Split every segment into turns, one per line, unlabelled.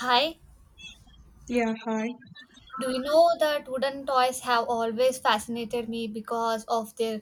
Hi,
Yeah, hi.
do you know that wooden toys have always fascinated me because of their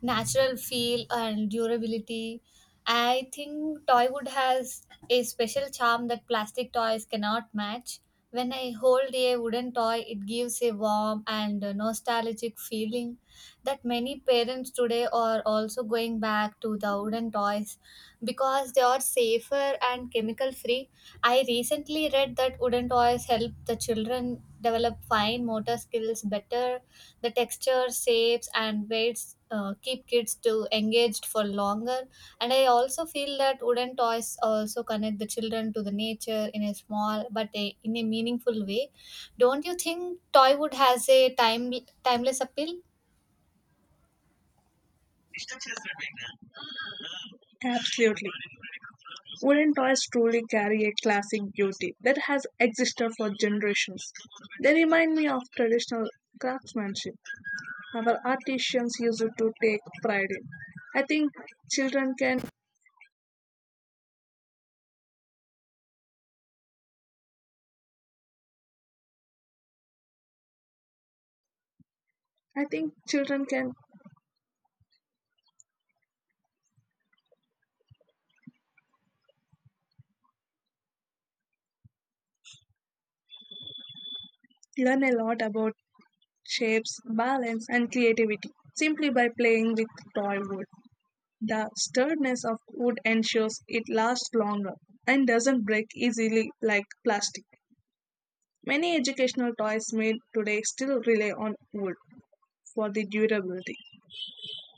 natural feel and durability? I think toywood has a special charm that plastic toys cannot match. When I hold a wooden toy, it gives a warm and nostalgic feeling that many parents today are also going back to the wooden toys because they are safer and chemical free. I recently read that wooden toys help the children develop fine motor skills better. The texture, shapes, and weights keep kids to engaged for longer. And I also feel that wooden toys also connect the children to the nature in a small but in a meaningful way. Don't you think toy wood has a timeless appeal?
Absolutely. Wooden toys truly carry a classic beauty that has existed for generations. They remind me of traditional craftsmanship our artisans used to take pride in. I think children can I think children can learn a lot about shapes, balance and creativity simply by playing with toy wood. The sturdiness of wood ensures it lasts longer and doesn't break easily like plastic. Many educational toys made today still rely on wood for the durability.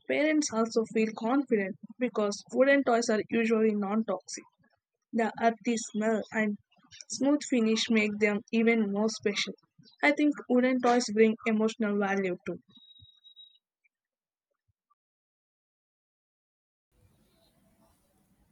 Parents also feel confident because wooden toys are usually non toxic. The earthy smell and smooth finish make them even more special. I think wooden toys bring emotional value too.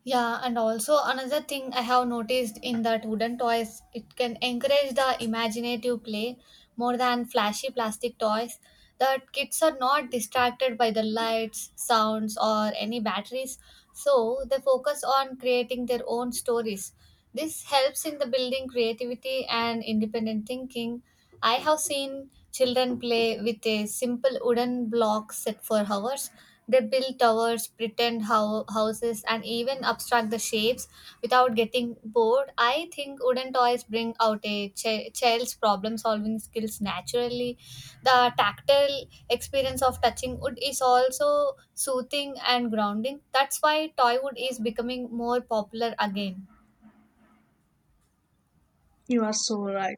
Yeah, and also another thing I have noticed in that wooden toys, it can encourage the imaginative play more than flashy plastic toys. That kids are not distracted by the lights, sounds, or any batteries, so they focus on creating their own stories. This helps in the building creativity and independent thinking. I have seen children play with a simple wooden block set for hours. They build towers, pretend houses, and even abstract the shapes without getting bored. I think wooden toys bring out a child's problem solving skills naturally. The tactile experience of touching wood is also soothing and grounding. That's why toy wood is becoming more popular again.
You are so right.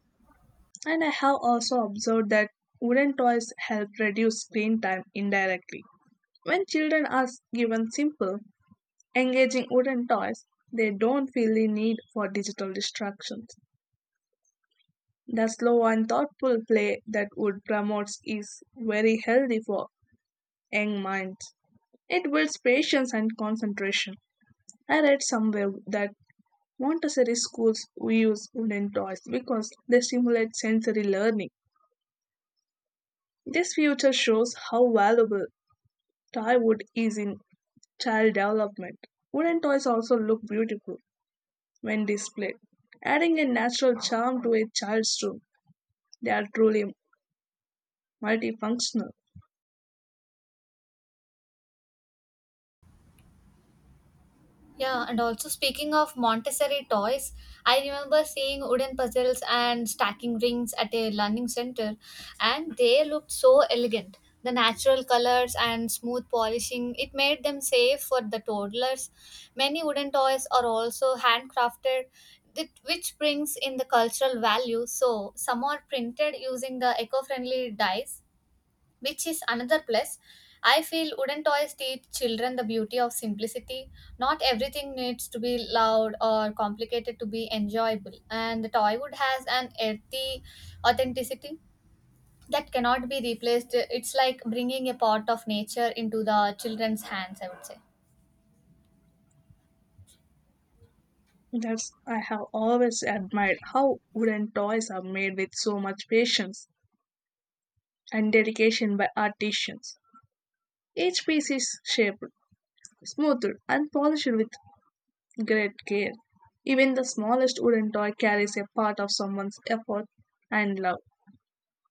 And I have also observed that wooden toys help reduce screen time indirectly. When children are given simple, engaging wooden toys, they don't feel the need for digital distractions. The slow and thoughtful play that wood promotes is very healthy for young minds. It builds patience and concentration. I read somewhere that Montessori schools use wooden toys because they stimulate sensory learning. This future shows how valuable toy wood is in child development. Wooden toys also look beautiful when displayed, adding a natural charm to a child's room. They are truly multifunctional.
Yeah, and also speaking of Montessori toys, I remember seeing wooden puzzles and stacking rings at a learning center, and they looked so elegant. The natural colors and smooth polishing, it made them safe for the toddlers. Many wooden toys are also handcrafted, which brings in the cultural value. So, some are printed using the eco friendly dyes, which is another plus. I feel wooden toys teach children the beauty of simplicity. Not everything needs to be loud or complicated to be enjoyable, and the toy wood has an earthy authenticity that cannot be replaced. It's like bringing a part of nature into the children's hands, I would say.
That's, I have always admired how wooden toys are made with so much patience and dedication by artisans. Each piece is shaped, smoothed, and polished with great care. Even the smallest wooden toy carries a part of someone's effort and love.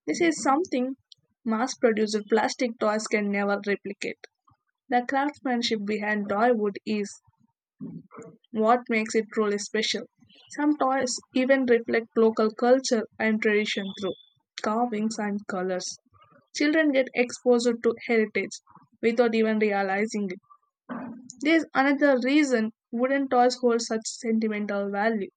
This is something mass produced plastic toys can never replicate. The craftsmanship behind toy wood is what makes it truly special. Some toys even reflect local culture and tradition through carvings and colors. Children get exposed to heritage without even realizing it. There is another reason wooden toys hold such sentimental value.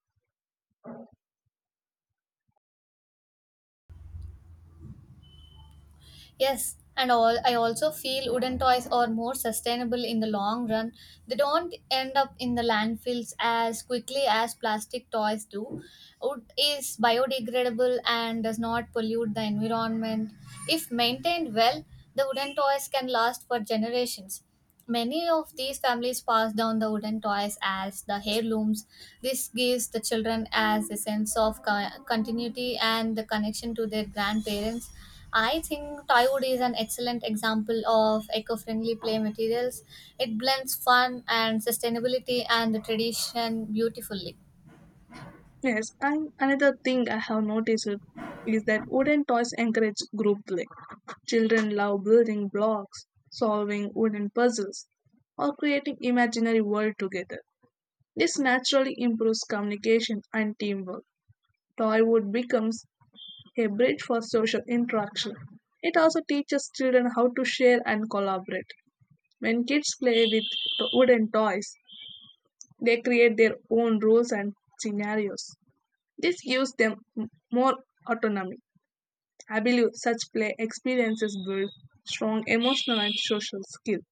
Yes, and all I also feel wooden toys are more sustainable in the long run. They don't end up in the landfills as quickly as plastic toys do. Wood is biodegradable and does not pollute the environment. If maintained well, the wooden toys can last for generations. Many of these families pass down the wooden toys as the heirlooms. This gives the children as a sense of continuity and the connection to their grandparents. I think toywood is an excellent example of eco-friendly play materials. It blends fun and sustainability and the tradition beautifully.
Yes, and another thing I have noticed it is that wooden toys encourage group play. Children love building blocks, solving wooden puzzles, or creating imaginary world together. This naturally improves communication and teamwork. Toywood becomes a bridge for social interaction. It also teaches children how to share and collaborate. When kids play with wooden toys, they create their own rules and scenarios. This gives them more autonomy. I believe such play experiences build strong emotional and social skills.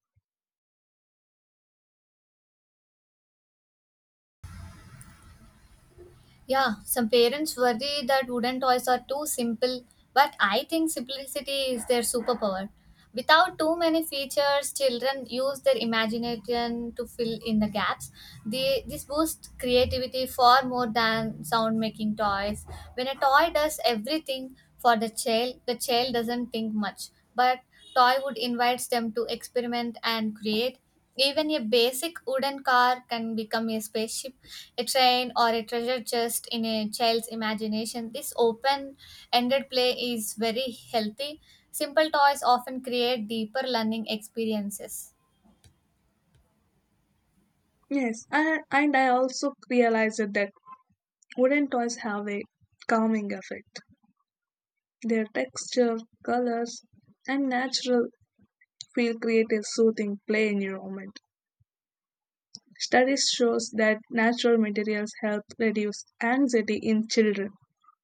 Yeah, some parents worry that wooden toys are too simple, but I think simplicity is their superpower. Without too many features, children use their imagination to fill in the gaps. This boosts creativity far more than sound making toys. When a toy does everything for the child doesn't think much, but toy would invites them to experiment and create. Even a basic wooden car can become a spaceship, a train, or a treasure chest in a child's imagination. This open ended play is very healthy. Simple toys often create deeper learning experiences.
Yes, and I also realized that wooden toys have a calming effect. Their texture, colors, and natural feel create a soothing play environment. Studies shows that natural materials help reduce anxiety in children.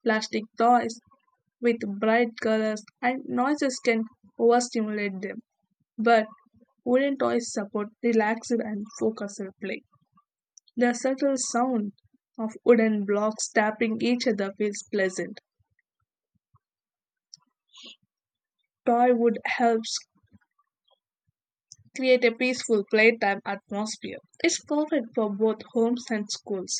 Plastic toys with bright colors and noises can overstimulate them. But wooden toys support relaxed and focused play. The subtle sound of wooden blocks tapping each other feels pleasant. Toy wood helps create a peaceful playtime atmosphere. It's perfect for both homes and schools.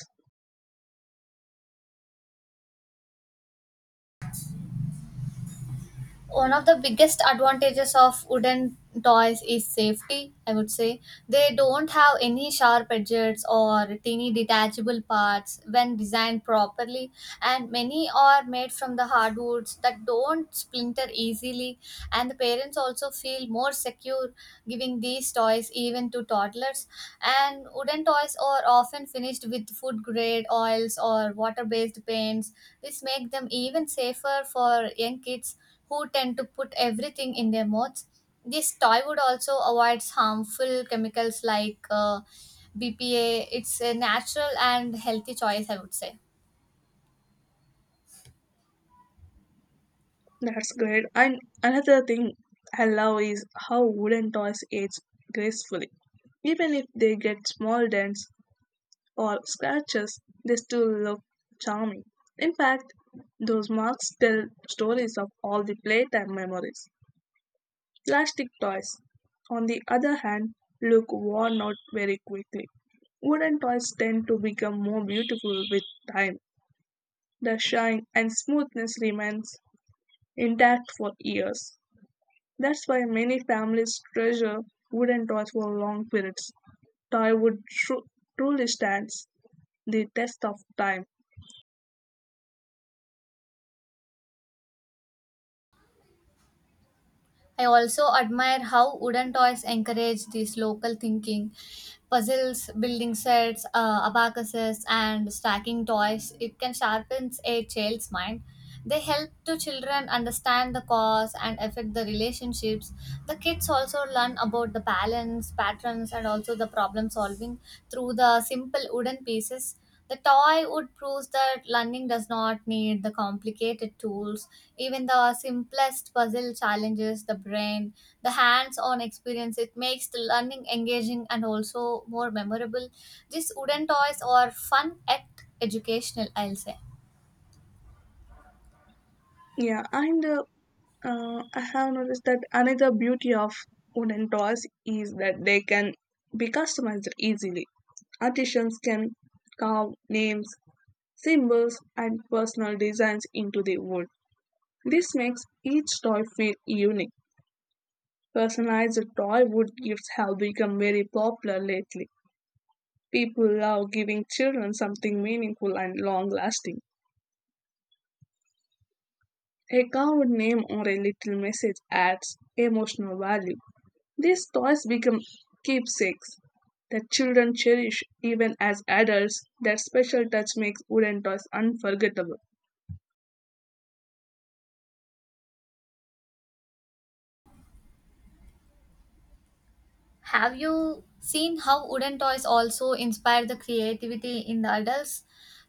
One of the biggest advantages of wooden toys is safety, I would say. They don't have any sharp edges or tiny detachable parts when designed properly, and many are made from the hardwoods that don't splinter easily. And the parents also feel more secure giving these toys even to toddlers. And wooden toys are often finished with food grade oils or water based paints. This make them even safer for young kids who tend to put everything in their mouths. This toy would also avoids harmful chemicals like BPA. It's a natural and healthy choice, I would say.
That's great. And another thing I love is how wooden toys age gracefully. Even if they get small dents, or scratches, they still look charming. In fact, those marks tell stories of all the playtime memories. Plastic toys, on the other hand, look worn out very quickly. Wooden toys tend to become more beautiful with time. The shine and smoothness remains intact for years. That's why many families treasure wooden toys for long periods. Toy wood truly stands the test of time.
I also admire how wooden toys encourage this local thinking. Puzzles, building sets, abacuses, and stacking toys. It can sharpen a child's mind. They help to children understand the cause and affect the relationships. The kids also learn about the balance, patterns, and also the problem solving through the simple wooden pieces. The toy would prove that learning does not need the complicated tools. Even the simplest puzzle challenges the brain. The hands on experience, it makes the learning engaging and also more memorable. These wooden toys are fun yet educational, I'll say.
Yeah, and I have noticed that another beauty of wooden toys is that they can be customized easily. Artisans can carve names, symbols, and personal designs into the wood. This makes each toy feel unique. Personalized toy wood gifts have become very popular lately. People love giving children something meaningful and long lasting. A carved name or a little message adds emotional value. These toys become keepsakes that children cherish even as adults. That special touch makes wooden toys unforgettable.
Have you seen how wooden toys also inspire the creativity in the adults?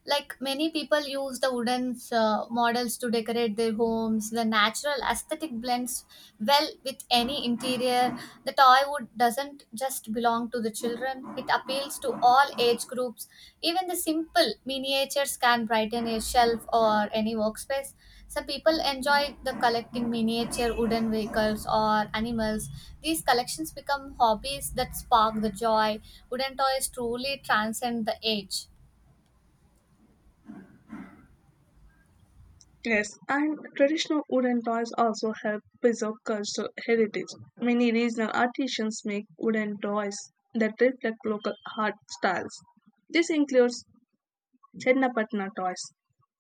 Like many people use the wooden models to decorate their homes. The natural aesthetic blends well with any interior. The toy wood doesn't just belong to the children, it appeals to all age groups. Even the simple miniatures can brighten a shelf or any workspace. So people enjoy the collecting miniature wooden vehicles or animals. These collections become hobbies that spark the joy. Wooden toys truly transcend the age.
Yes, and traditional wooden toys also help preserve cultural heritage. Many regional artisans make wooden toys that reflect local art styles. This includes Chennapatna toys,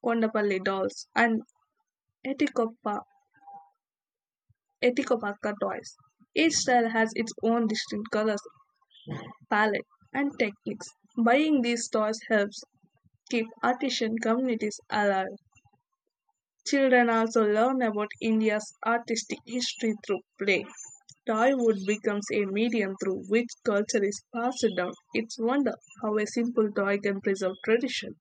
Kondapalli dolls, and Etikoppa, Etikopakka toys. Each style has its own distinct colors palette, and techniques. Buying these toys helps keep artisan communities alive. Children also learn about India's artistic history through play. Toywood becomes a medium through which culture is passed down. It's wonder how a simple toy can preserve tradition.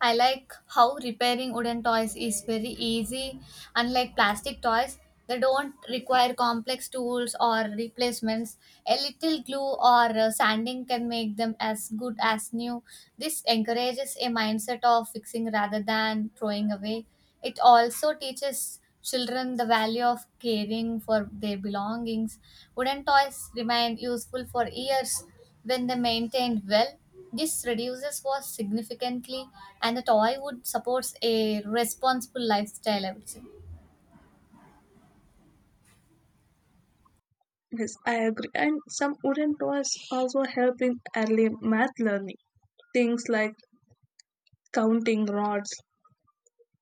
I like how repairing wooden toys is very easy. Unlike plastic toys, they don't require complex tools or replacements. A little glue or sanding can make them as good as new. This encourages a mindset of fixing rather than throwing away. It also teaches children the value of caring for their belongings. Wooden toys remain useful for years when they maintained well. This reduces was significantly, and the toy would supports a responsible lifestyle, I would say.
Yes, I agree. And some wooden toys also help in early math learning. Things like counting rods,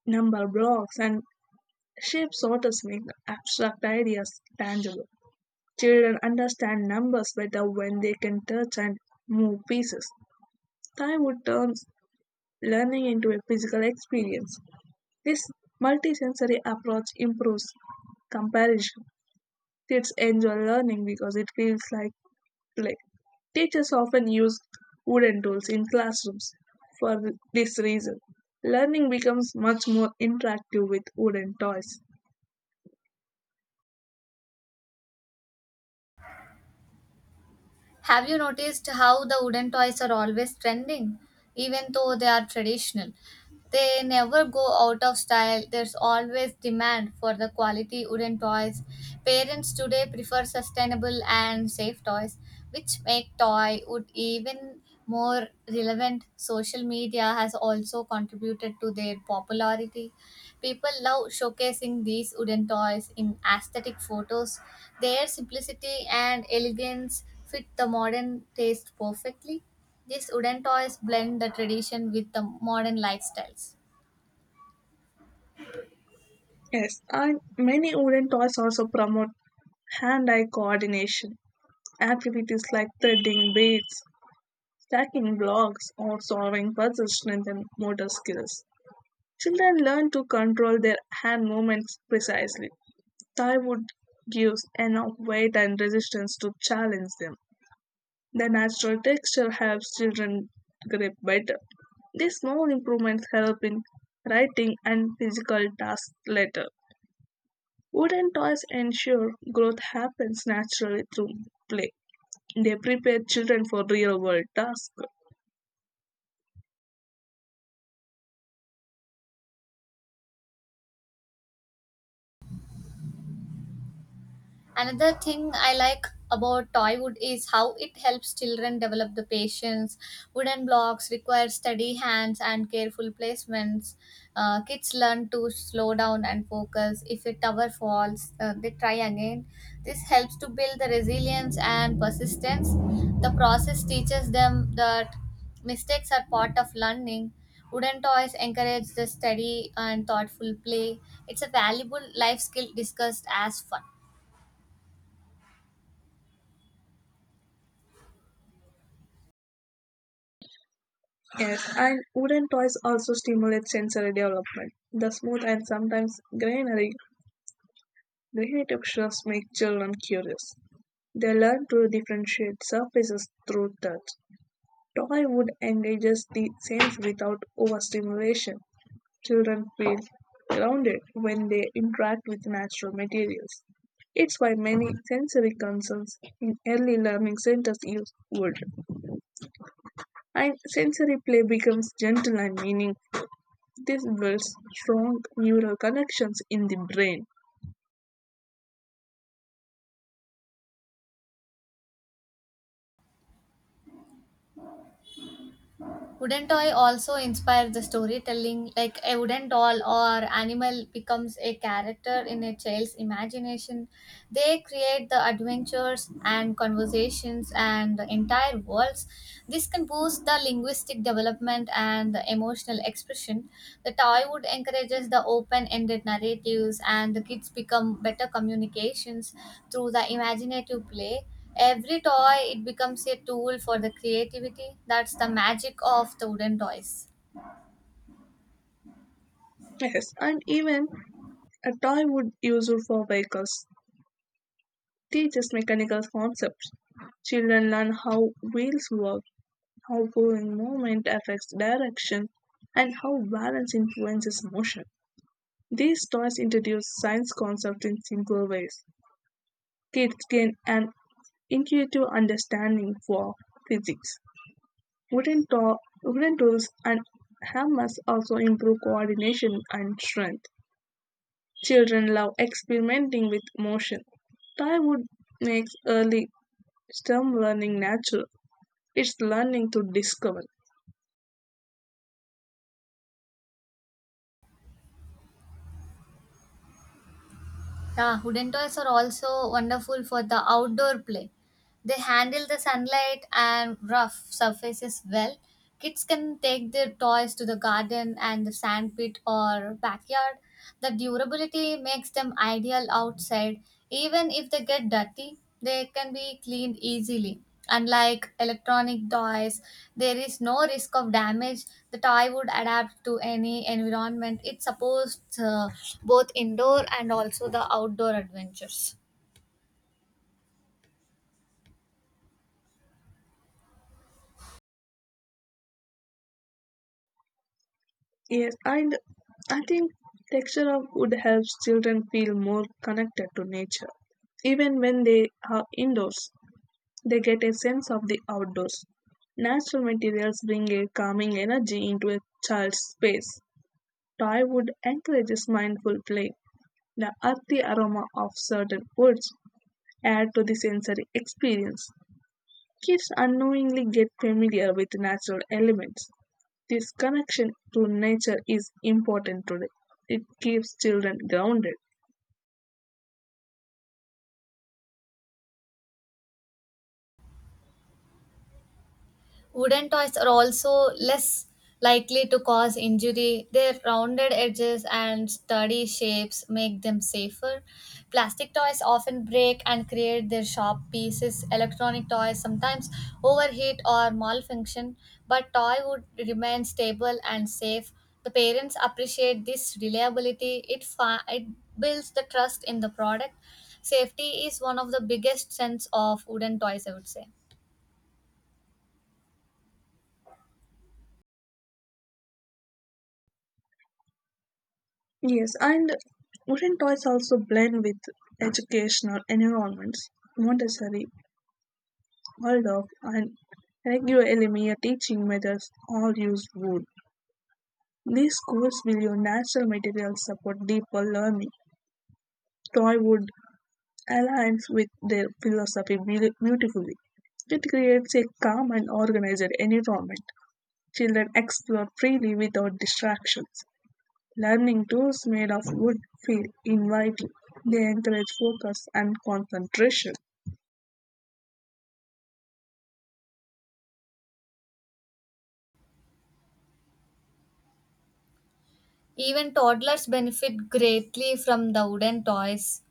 number blocks, and shape sorters make abstract ideas tangible. Children understand numbers better when they can touch and move pieces. Time wood turns learning into a physical experience. This multisensory approach improves comparison. Kids enjoy learning because it feels like play. Teachers often use wooden tools in classrooms for this reason. Learning becomes much more interactive with wooden toys.
Have you noticed how the wooden toys are always trending? Even though they are traditional, they never go out of style. There's always demand for the quality wooden toys. Parents today prefer sustainable and safe toys, which make toy wood even more relevant. Social media has also contributed to their popularity. People love showcasing these wooden toys in aesthetic photos. Their simplicity and elegance fit the modern taste perfectly. These wooden toys blend the tradition with the modern lifestyles.
Yes, and many wooden toys also promote hand-eye coordination. Activities like threading weights, stacking blocks, or solving puzzles strengthen motor skills. Children learn to control their hand movements precisely. Thywood gives enough weight and resistance to challenge them. The natural texture helps children grip better. These small improvements help in writing and physical tasks later. Wooden toys ensure growth happens naturally through play. They prepare children for real world tasks.
Another thing I like about toy wood is how it helps children develop the patience. Wooden blocks require steady hands and careful placements. Kids learn to slow down and focus. If a tower falls, they try again. This helps to build the resilience and persistence. The process teaches them that mistakes are part of learning. Wooden toys encourage the steady and thoughtful play. It's a valuable life skill discussed as fun.
Yes, and wooden toys also stimulate sensory development. The smooth and sometimes grainy textures make children curious. They learn to differentiate surfaces through touch. Toy wood engages the sense without overstimulation. Children feel grounded when they interact with natural materials. It's why many sensory concerns in early learning centers use wood. And sensory play becomes gentle and meaningful. This builds strong neural connections in the brain.
Wooden toy also inspires the storytelling, like a wooden doll or animal becomes a character in a child's imagination. They create the adventures and conversations and the entire worlds. This can boost the linguistic development and the emotional expression. The toy wood encourages the open ended narratives, and the kids become better communications through the imaginative play. Every toy it becomes a tool for the creativity. That's the magic of the wooden toys.
Yes, and even a toy would useful for vehicles teaches mechanical concepts. Children learn how wheels work, how pulling movement affects direction, and how balance influences motion. These toys introduce science concepts in simple ways. Kids gain an intuitive understanding for physics. Wooden tools and hammers also improve coordination and strength. Children love experimenting with motion. Toy wood makes early STEM learning natural. It's learning to discover.
Yeah, wooden toys are also wonderful for the outdoor play. They handle the sunlight and rough surfaces well. Kids can take their toys to the garden and the sandpit or backyard. The durability makes them ideal outside. Even if they get dirty, they can be cleaned easily. Unlike electronic toys, there is no risk of damage. The toy would adapt to any environment. It supports both indoor and also the outdoor adventures.
Yes, and I think texture of wood helps children feel more connected to nature. Even when they are indoors, they get a sense of the outdoors. Natural materials bring a calming energy into a child's space. Thai wood encourages mindful play. The earthy aroma of certain woods add to the sensory experience. Kids unknowingly get familiar with natural elements. This connection to nature is important today. It keeps children grounded.
Wooden toys are also less likely to cause injury. Their rounded edges and sturdy shapes make them safer. Plastic toys often break and create their sharp pieces. Electronic toys sometimes overheat or malfunction, but toy would remain stable and safe. The parents appreciate this reliability. It builds the trust in the product. Safety is one of the biggest sense of wooden toys, I would say.
Yes, and wooden toys also blend with educational environments. Montessori, Waldorf, and regular LMEA teaching methods all use wood. These schools will use natural materials support deeper learning. Toywood aligns with their philosophy beautifully. It creates a calm and organized environment. Children explore freely without distractions. Learning tools made of wood feel inviting. They encourage focus and concentration.
Even toddlers benefit greatly from the wooden toys.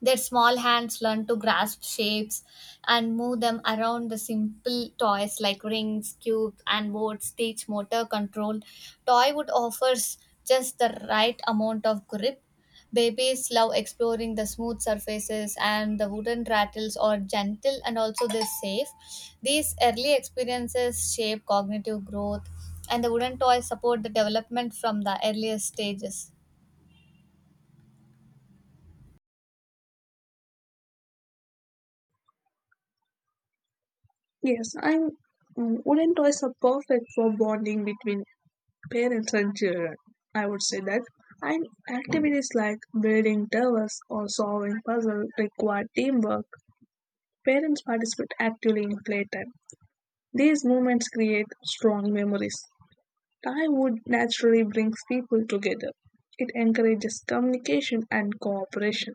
Their small hands learn to grasp shapes and move them around the simple toys like rings, cubes, and boards teach motor control. Toy wood offers just the right amount of grip. Babies love exploring the smooth surfaces, and the wooden rattles are gentle and also they're safe. These early experiences shape cognitive growth, and the wooden toys support the development from the earliest stages.
Yes, I'm. Wooden toys are perfect for bonding between parents and children. I would say that and activities like building towers or solving puzzles require teamwork. Parents participate actively in playtime. These moments create strong memories. Would naturally brings people together. It encourages communication and cooperation.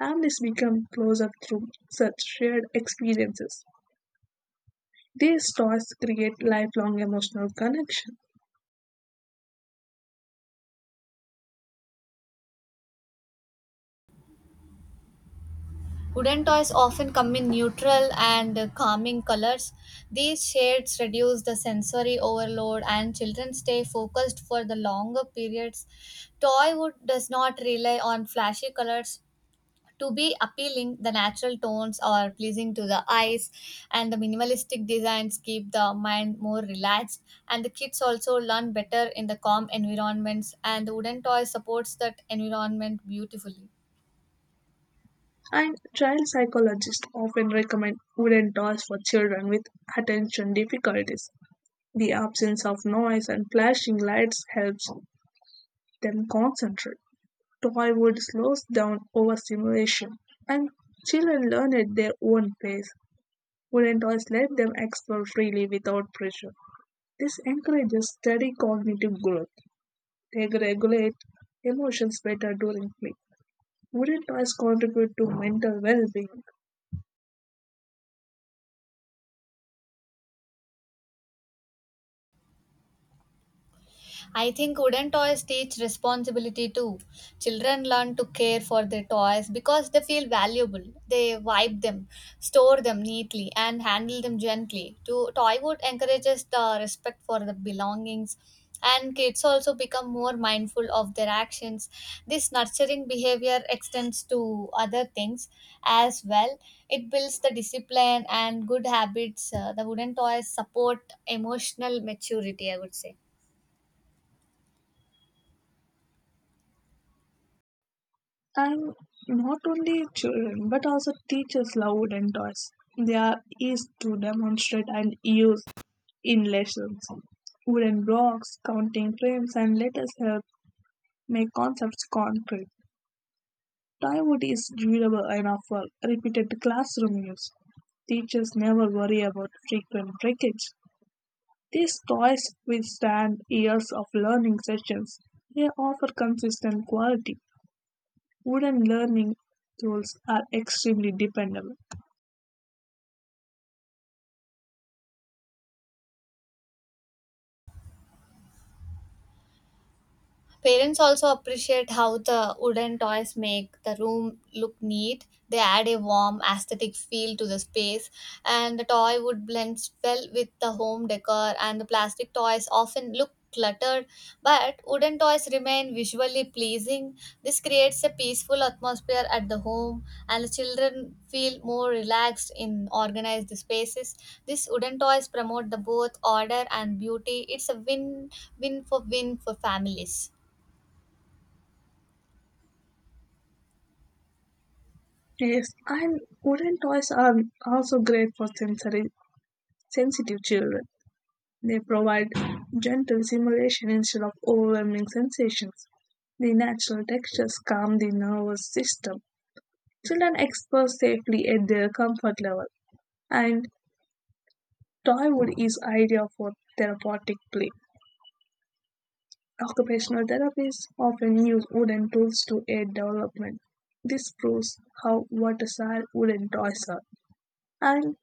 Families become closer through such shared experiences. These toys create lifelong emotional connection.
Wooden toys often come in neutral and calming colors. These shades reduce the sensory overload, and children stay focused for the longer periods. Toy wood does not rely on flashy colors to be appealing. The natural tones are pleasing to the eyes, and the minimalistic designs keep the mind more relaxed, and the kids also learn better in the calm environments, and the wooden toy supports that environment beautifully.
And child psychologists often recommend wooden toys for children with attention difficulties. The absence of noise and flashing lights helps them concentrate. Toy wood slows down overstimulation, and children learn at their own pace. Wooden toys let them explore freely without pressure. This encourages steady cognitive growth. They regulate emotions better during play. Wooden toys contribute to mental well being.
I think wooden toys teach responsibility too. Children learn to care for their toys because they feel valuable. They wipe them, store them neatly, and handle them gently. To Toywood encourages the respect for the belongings, and kids also become more mindful of their actions. This nurturing behavior extends to other things as well. It builds the discipline and good habits. The wooden toys support emotional maturity, I would say.
And not only children, but also teachers love wooden toys. They are easy to demonstrate and use in lessons. Wooden blocks, counting frames, and letters help make concepts concrete. Toy wood is durable enough for repeated classroom use. Teachers never worry about frequent breakage. These toys withstand years of learning sessions. They offer consistent quality. Wooden learning tools are extremely dependable.
Parents also appreciate how the wooden toys make the room look neat. They add a warm, aesthetic feel to the space, and the toy wood blends well with the home decor. And the plastic toys often look cluttered, but wooden toys remain visually pleasing. This creates a peaceful atmosphere at the home, and the children feel more relaxed in organized spaces. These wooden toys promote the both order and beauty. It's a win for families.
Yes, and wooden toys are also great for sensory sensitive children. They provide gentle stimulation instead of overwhelming sensations. The natural textures calm the nervous system. Children explore safely at their comfort level, and toy wood is ideal for therapeutic play. Occupational therapists often use wooden tools to aid development. This proves how versatile wooden toys are, and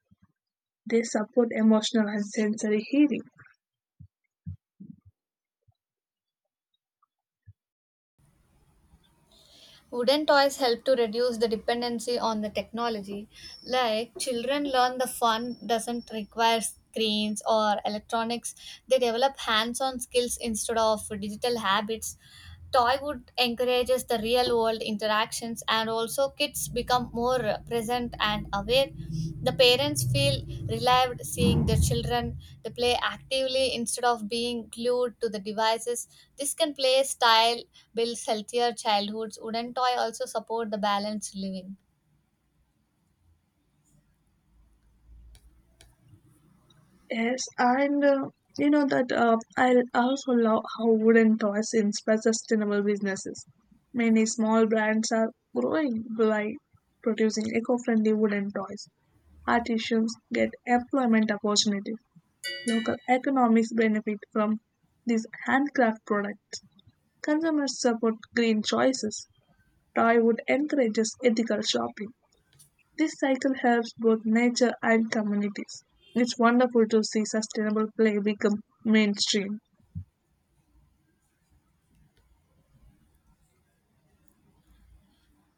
they support emotional and sensory healing.
Wooden toys help to reduce the dependency on the technology. Like children learn the fun doesn't require screens or electronics. They develop hands-on skills instead of digital habits. Toy would encourages the real world interactions, and also kids become more present and aware. The parents feel relieved seeing their children, they play actively instead of being glued to the devices. This can play style builds healthier childhoods. Wooden toy also support the balanced living.
Yes, and you know that I also love how wooden toys inspire sustainable businesses. Many small brands are growing by producing eco-friendly wooden toys. Artisans get employment opportunities, local economies benefit from these handcraft products. Consumers support green choices. Toy wood encourages ethical shopping. This cycle helps both nature and communities. It's wonderful to see sustainable play become mainstream.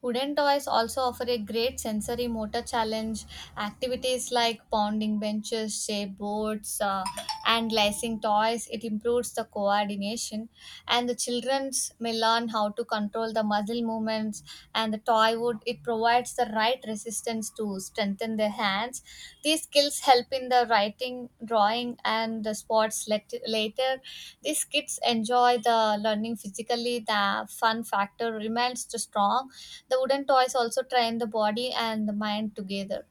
Wooden toys also offer a great sensory motor challenge. Activities like pounding benches, shape boards, and lacing toys. It improves the coordination, and the childrens may learn how to control the muscle movements. And the toy wood, it provides the right resistance to strengthen their hands. These skills help in the writing, drawing, and the sports later. These kids enjoy the learning physically. The fun factor remains strong. The wooden toys also train the body and the mind together.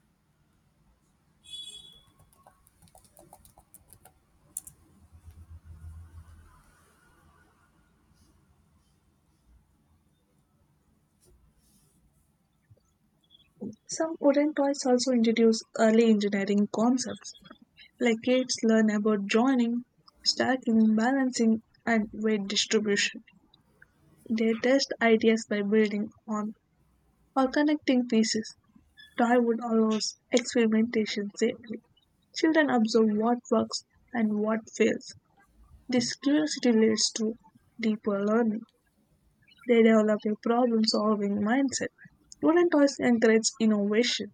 Some wooden toys also introduce early engineering concepts, like kids learn about joining, stacking, balancing, and weight distribution. They test ideas by building on or connecting pieces. Darwin allows experimentation safely. Children observe what works and what fails. This curiosity leads to deeper learning. They develop a problem solving mindset. Wooden toys encourage innovation.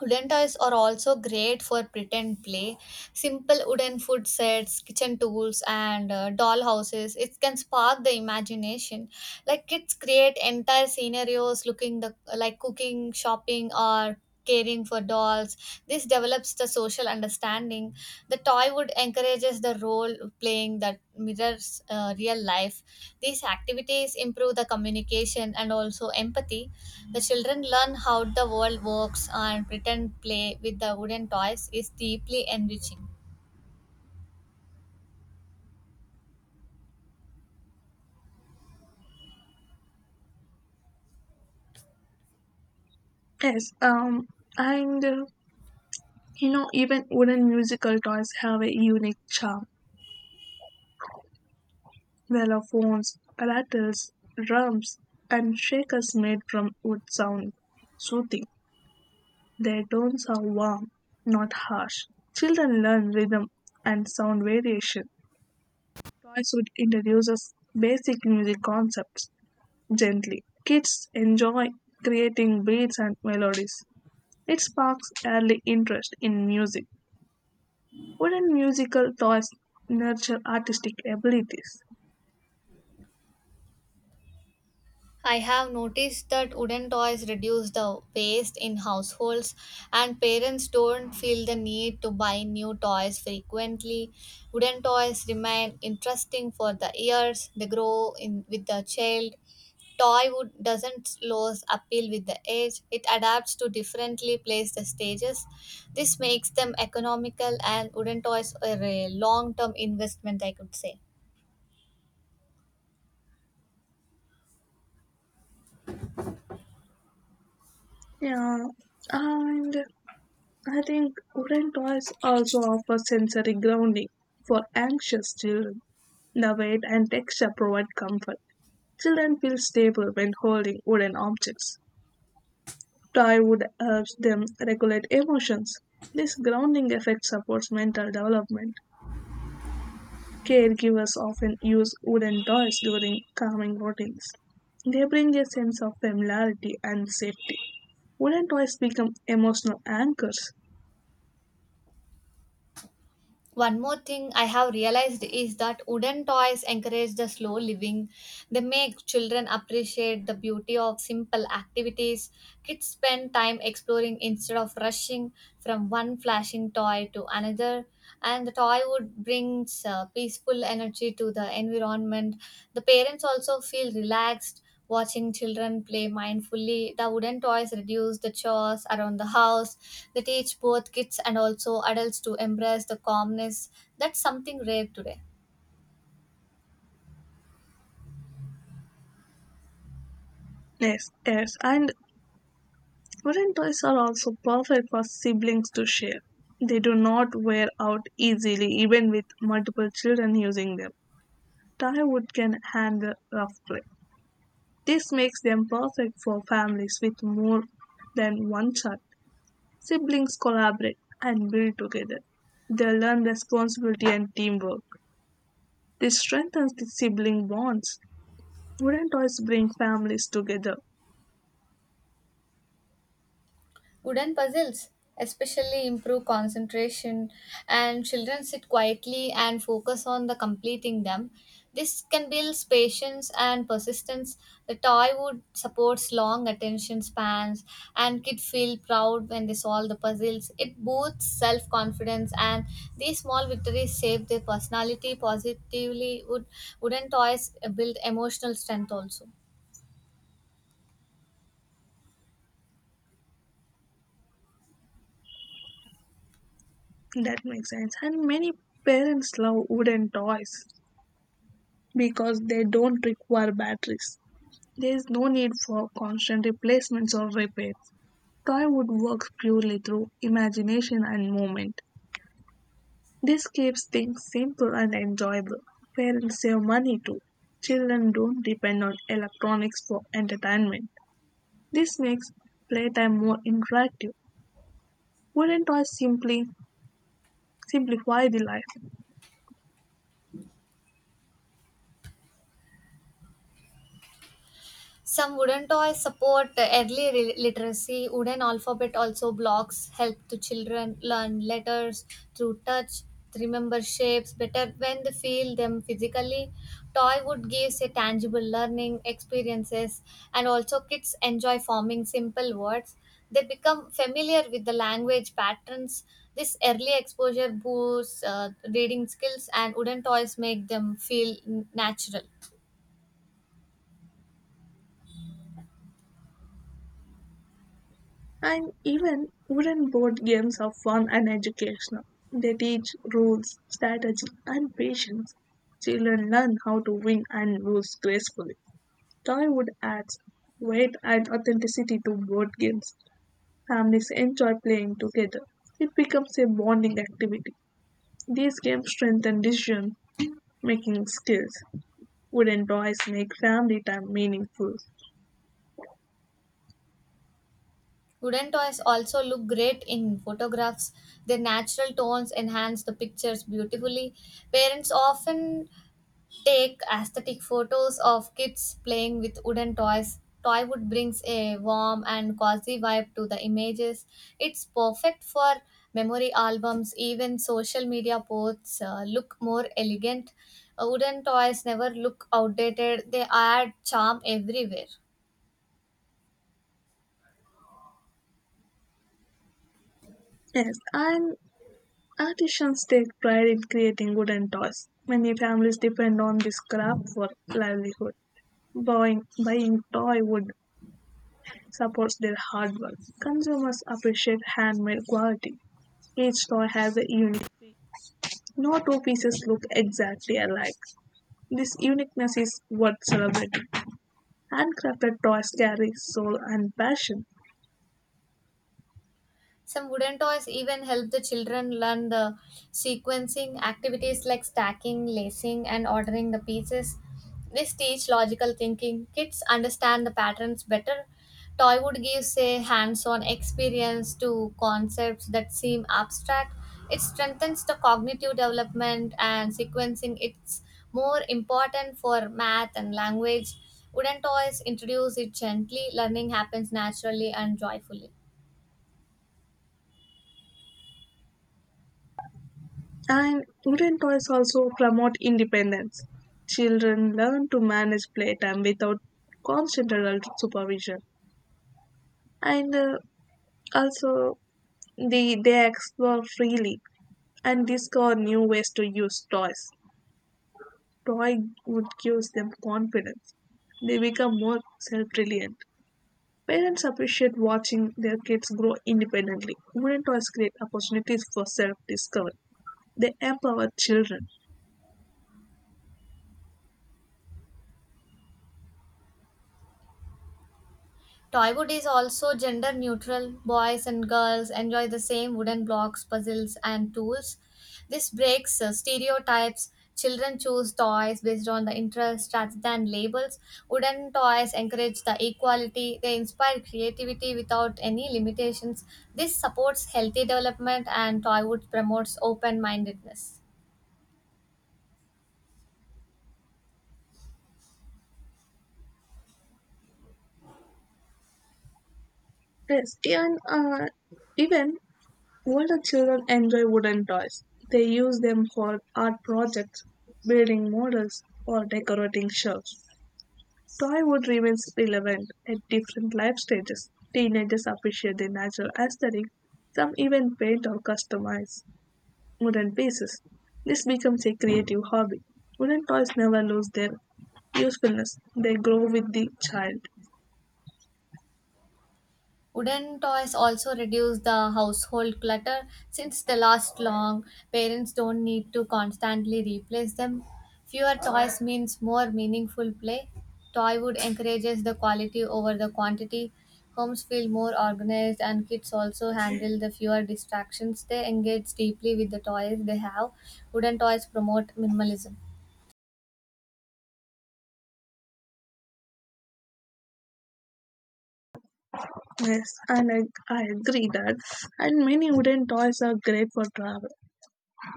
Wooden toys are also great for pretend play. Simple wooden food sets, kitchen tools, and doll houses. It can spark the imagination. Like kids create entire scenarios looking the like cooking, shopping, or caring for dolls. This develops the social understanding. The toy would encourages the role playing that mirrors real life. These activities improve the communication and also empathy. The children learn how the world works, and pretend play with the wooden toys is deeply enriching.
Yes, and uh, even wooden musical toys have a unique charm. Xylophones, rattles, drums, and shakers made from wood sound soothing. Their tones are warm, not harsh. Children learn rhythm and sound variation. Toys would introduce us basic music concepts gently. Kids enjoy creating beats and melodies. It sparks early interest in music. Wooden musical toys nurture artistic abilities.
I have noticed that wooden toys reduce the waste in households, and parents don't feel the need to buy new toys frequently. Wooden toys remain interesting for the years they grow in with the child. Toy wood doesn't lose appeal with the age. It adapts to differently placed stages. This makes them economical, and wooden toys are a long-term investment, I could say.
Yeah, and I think wooden toys also offer sensory grounding for anxious children. The weight and texture provide comfort. Children feel stable when holding wooden objects. Toy wood helps them regulate emotions. This grounding effect supports mental development. Caregivers often use wooden toys during calming routines. They bring a sense of familiarity and safety. Wooden toys become emotional anchors.
One more thing I have realized is that wooden toys encourage the slow living. They make children appreciate the beauty of simple activities. Kids spend time exploring instead of rushing from one flashing toy to another. And the toy would brings peaceful energy to the environment. The parents also feel relaxed watching children play mindfully. The wooden toys reduce the chores around the house. They teach both kids and also adults to embrace the calmness. That's something rare today.
Yes, yes, and wooden toys are also perfect for siblings to share. They do not wear out easily, even with multiple children using them. Thai wood can handle roughly. This makes them perfect for families with more than one child. Siblings collaborate and build together. They learn responsibility and teamwork. This strengthens the sibling bonds. Wooden toys bring families together.
Wooden puzzles especially improve concentration, and children sit quietly and focus on the completing them. This can build patience and persistence. The toy wood supports long attention spans, and kids feel proud when they solve the puzzles. It boosts self-confidence, and these small victories shape their personality positively. Wooden toys build emotional strength also.
That makes sense. And many parents love wooden toys because they don't require batteries. There is no need for constant replacements or repairs. Toywood works purely through imagination and movement. This keeps things simple and enjoyable. Parents save money too. Children don't depend on electronics for entertainment. This makes playtime more interactive. Wooden toys simply simplify the life.
Some wooden toys support early literacy. Wooden alphabet also blocks help to children learn letters through touch, to remember shapes better when they feel them physically. Toy wood gives a tangible learning experiences, and also kids enjoy forming simple words. They become familiar with the language patterns. This early exposure boosts reading skills, and wooden toys make them feel natural.
And even wooden board games are fun and educational. They teach rules, strategy, and patience. Children learn how to win and lose gracefully. Toywood adds weight and authenticity to board games. Families enjoy playing together. It becomes a bonding activity. These games strengthen decision making skills. Wooden toys make family time meaningful.
Wooden toys also look great in photographs. Their natural tones enhance the pictures beautifully. Parents often take aesthetic photos of kids playing with wooden toys. Toy wood brings a warm and cozy vibe to the images. It's perfect for memory albums, even social media posts look more elegant. Wooden toys never look outdated, they add charm everywhere.
Yes, and artisans take pride in creating wooden toys. Many families depend on this craft for livelihood. Buying toy wood supports their hard work. Consumers appreciate handmade quality. Each toy has a unique feel. No two pieces look exactly alike. This uniqueness is what celebrated. Handcrafted toys carry soul and passion.
Some wooden toys even help the children learn the sequencing activities like stacking, lacing, and ordering the pieces. This teach logical thinking. Kids understand the patterns better. Toywood gives a hands-on experience to concepts that seem abstract. It strengthens the cognitive development, and sequencing, it's more important for math and language. Wooden toys introduce it gently. Learning happens naturally and joyfully.
And wooden toys also promote independence. Children learn to manage playtime without constant adult supervision. And uh, also, they explore freely and discover new ways to use toys. Toy would gives them confidence. They become more self-reliant. Parents appreciate watching their kids grow independently. Wooden toys create opportunities for self discovery. They empower children.
Toywood is also gender neutral. Boys and girls enjoy the same wooden blocks, puzzles, and tools. This breaks stereotypes. Children choose toys based on the interests rather than labels. Wooden toys encourage the equality. They inspire creativity without any limitations. This supports healthy development, and Toywood promotes open mindedness.
Yes, and even older children enjoy wooden toys. They use them for art projects, building models, or decorating shelves. Toywood remains relevant at different life stages. Teenagers appreciate the natural aesthetic. Some even paint or customize wooden pieces. This becomes a creative hobby. Wooden toys never lose their usefulness. They grow with the child.
Wooden toys also reduce the household clutter since they last long. Parents don't need to constantly replace them. Fewer toys means more meaningful play. Toywood encourages the quality over the quantity. Homes feel more organized, and kids also handle the fewer distractions. They engage deeply with the toys they have. Wooden toys promote minimalism.
Yes, and I agree that. And many wooden toys are great for travel.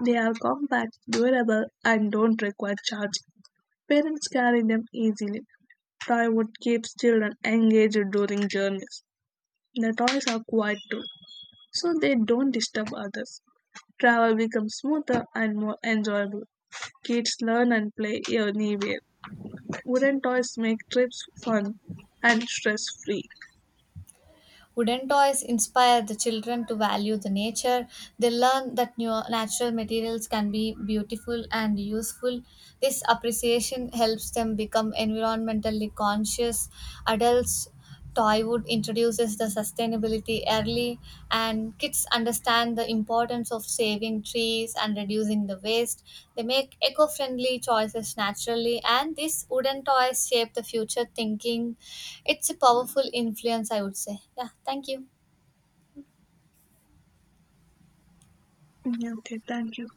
They are compact, durable, and don't require charging. Parents carry them easily. Toy wood keeps children engaged during journeys. The toys are quiet too, so they don't disturb others. Travel becomes smoother and more enjoyable. Kids learn and play anywhere. Wooden toys make trips fun and stress free.
Wooden toys inspire the children to value the nature. They learn that natural materials can be beautiful and useful. This appreciation helps them become environmentally conscious adults. Toywood introduces the sustainability early, and kids understand the importance of saving trees and reducing the waste. They make eco friendly choices naturally, and these wooden toys shape the future thinking. It's a powerful influence, I would say. Yeah, thank you.
Okay, thank you.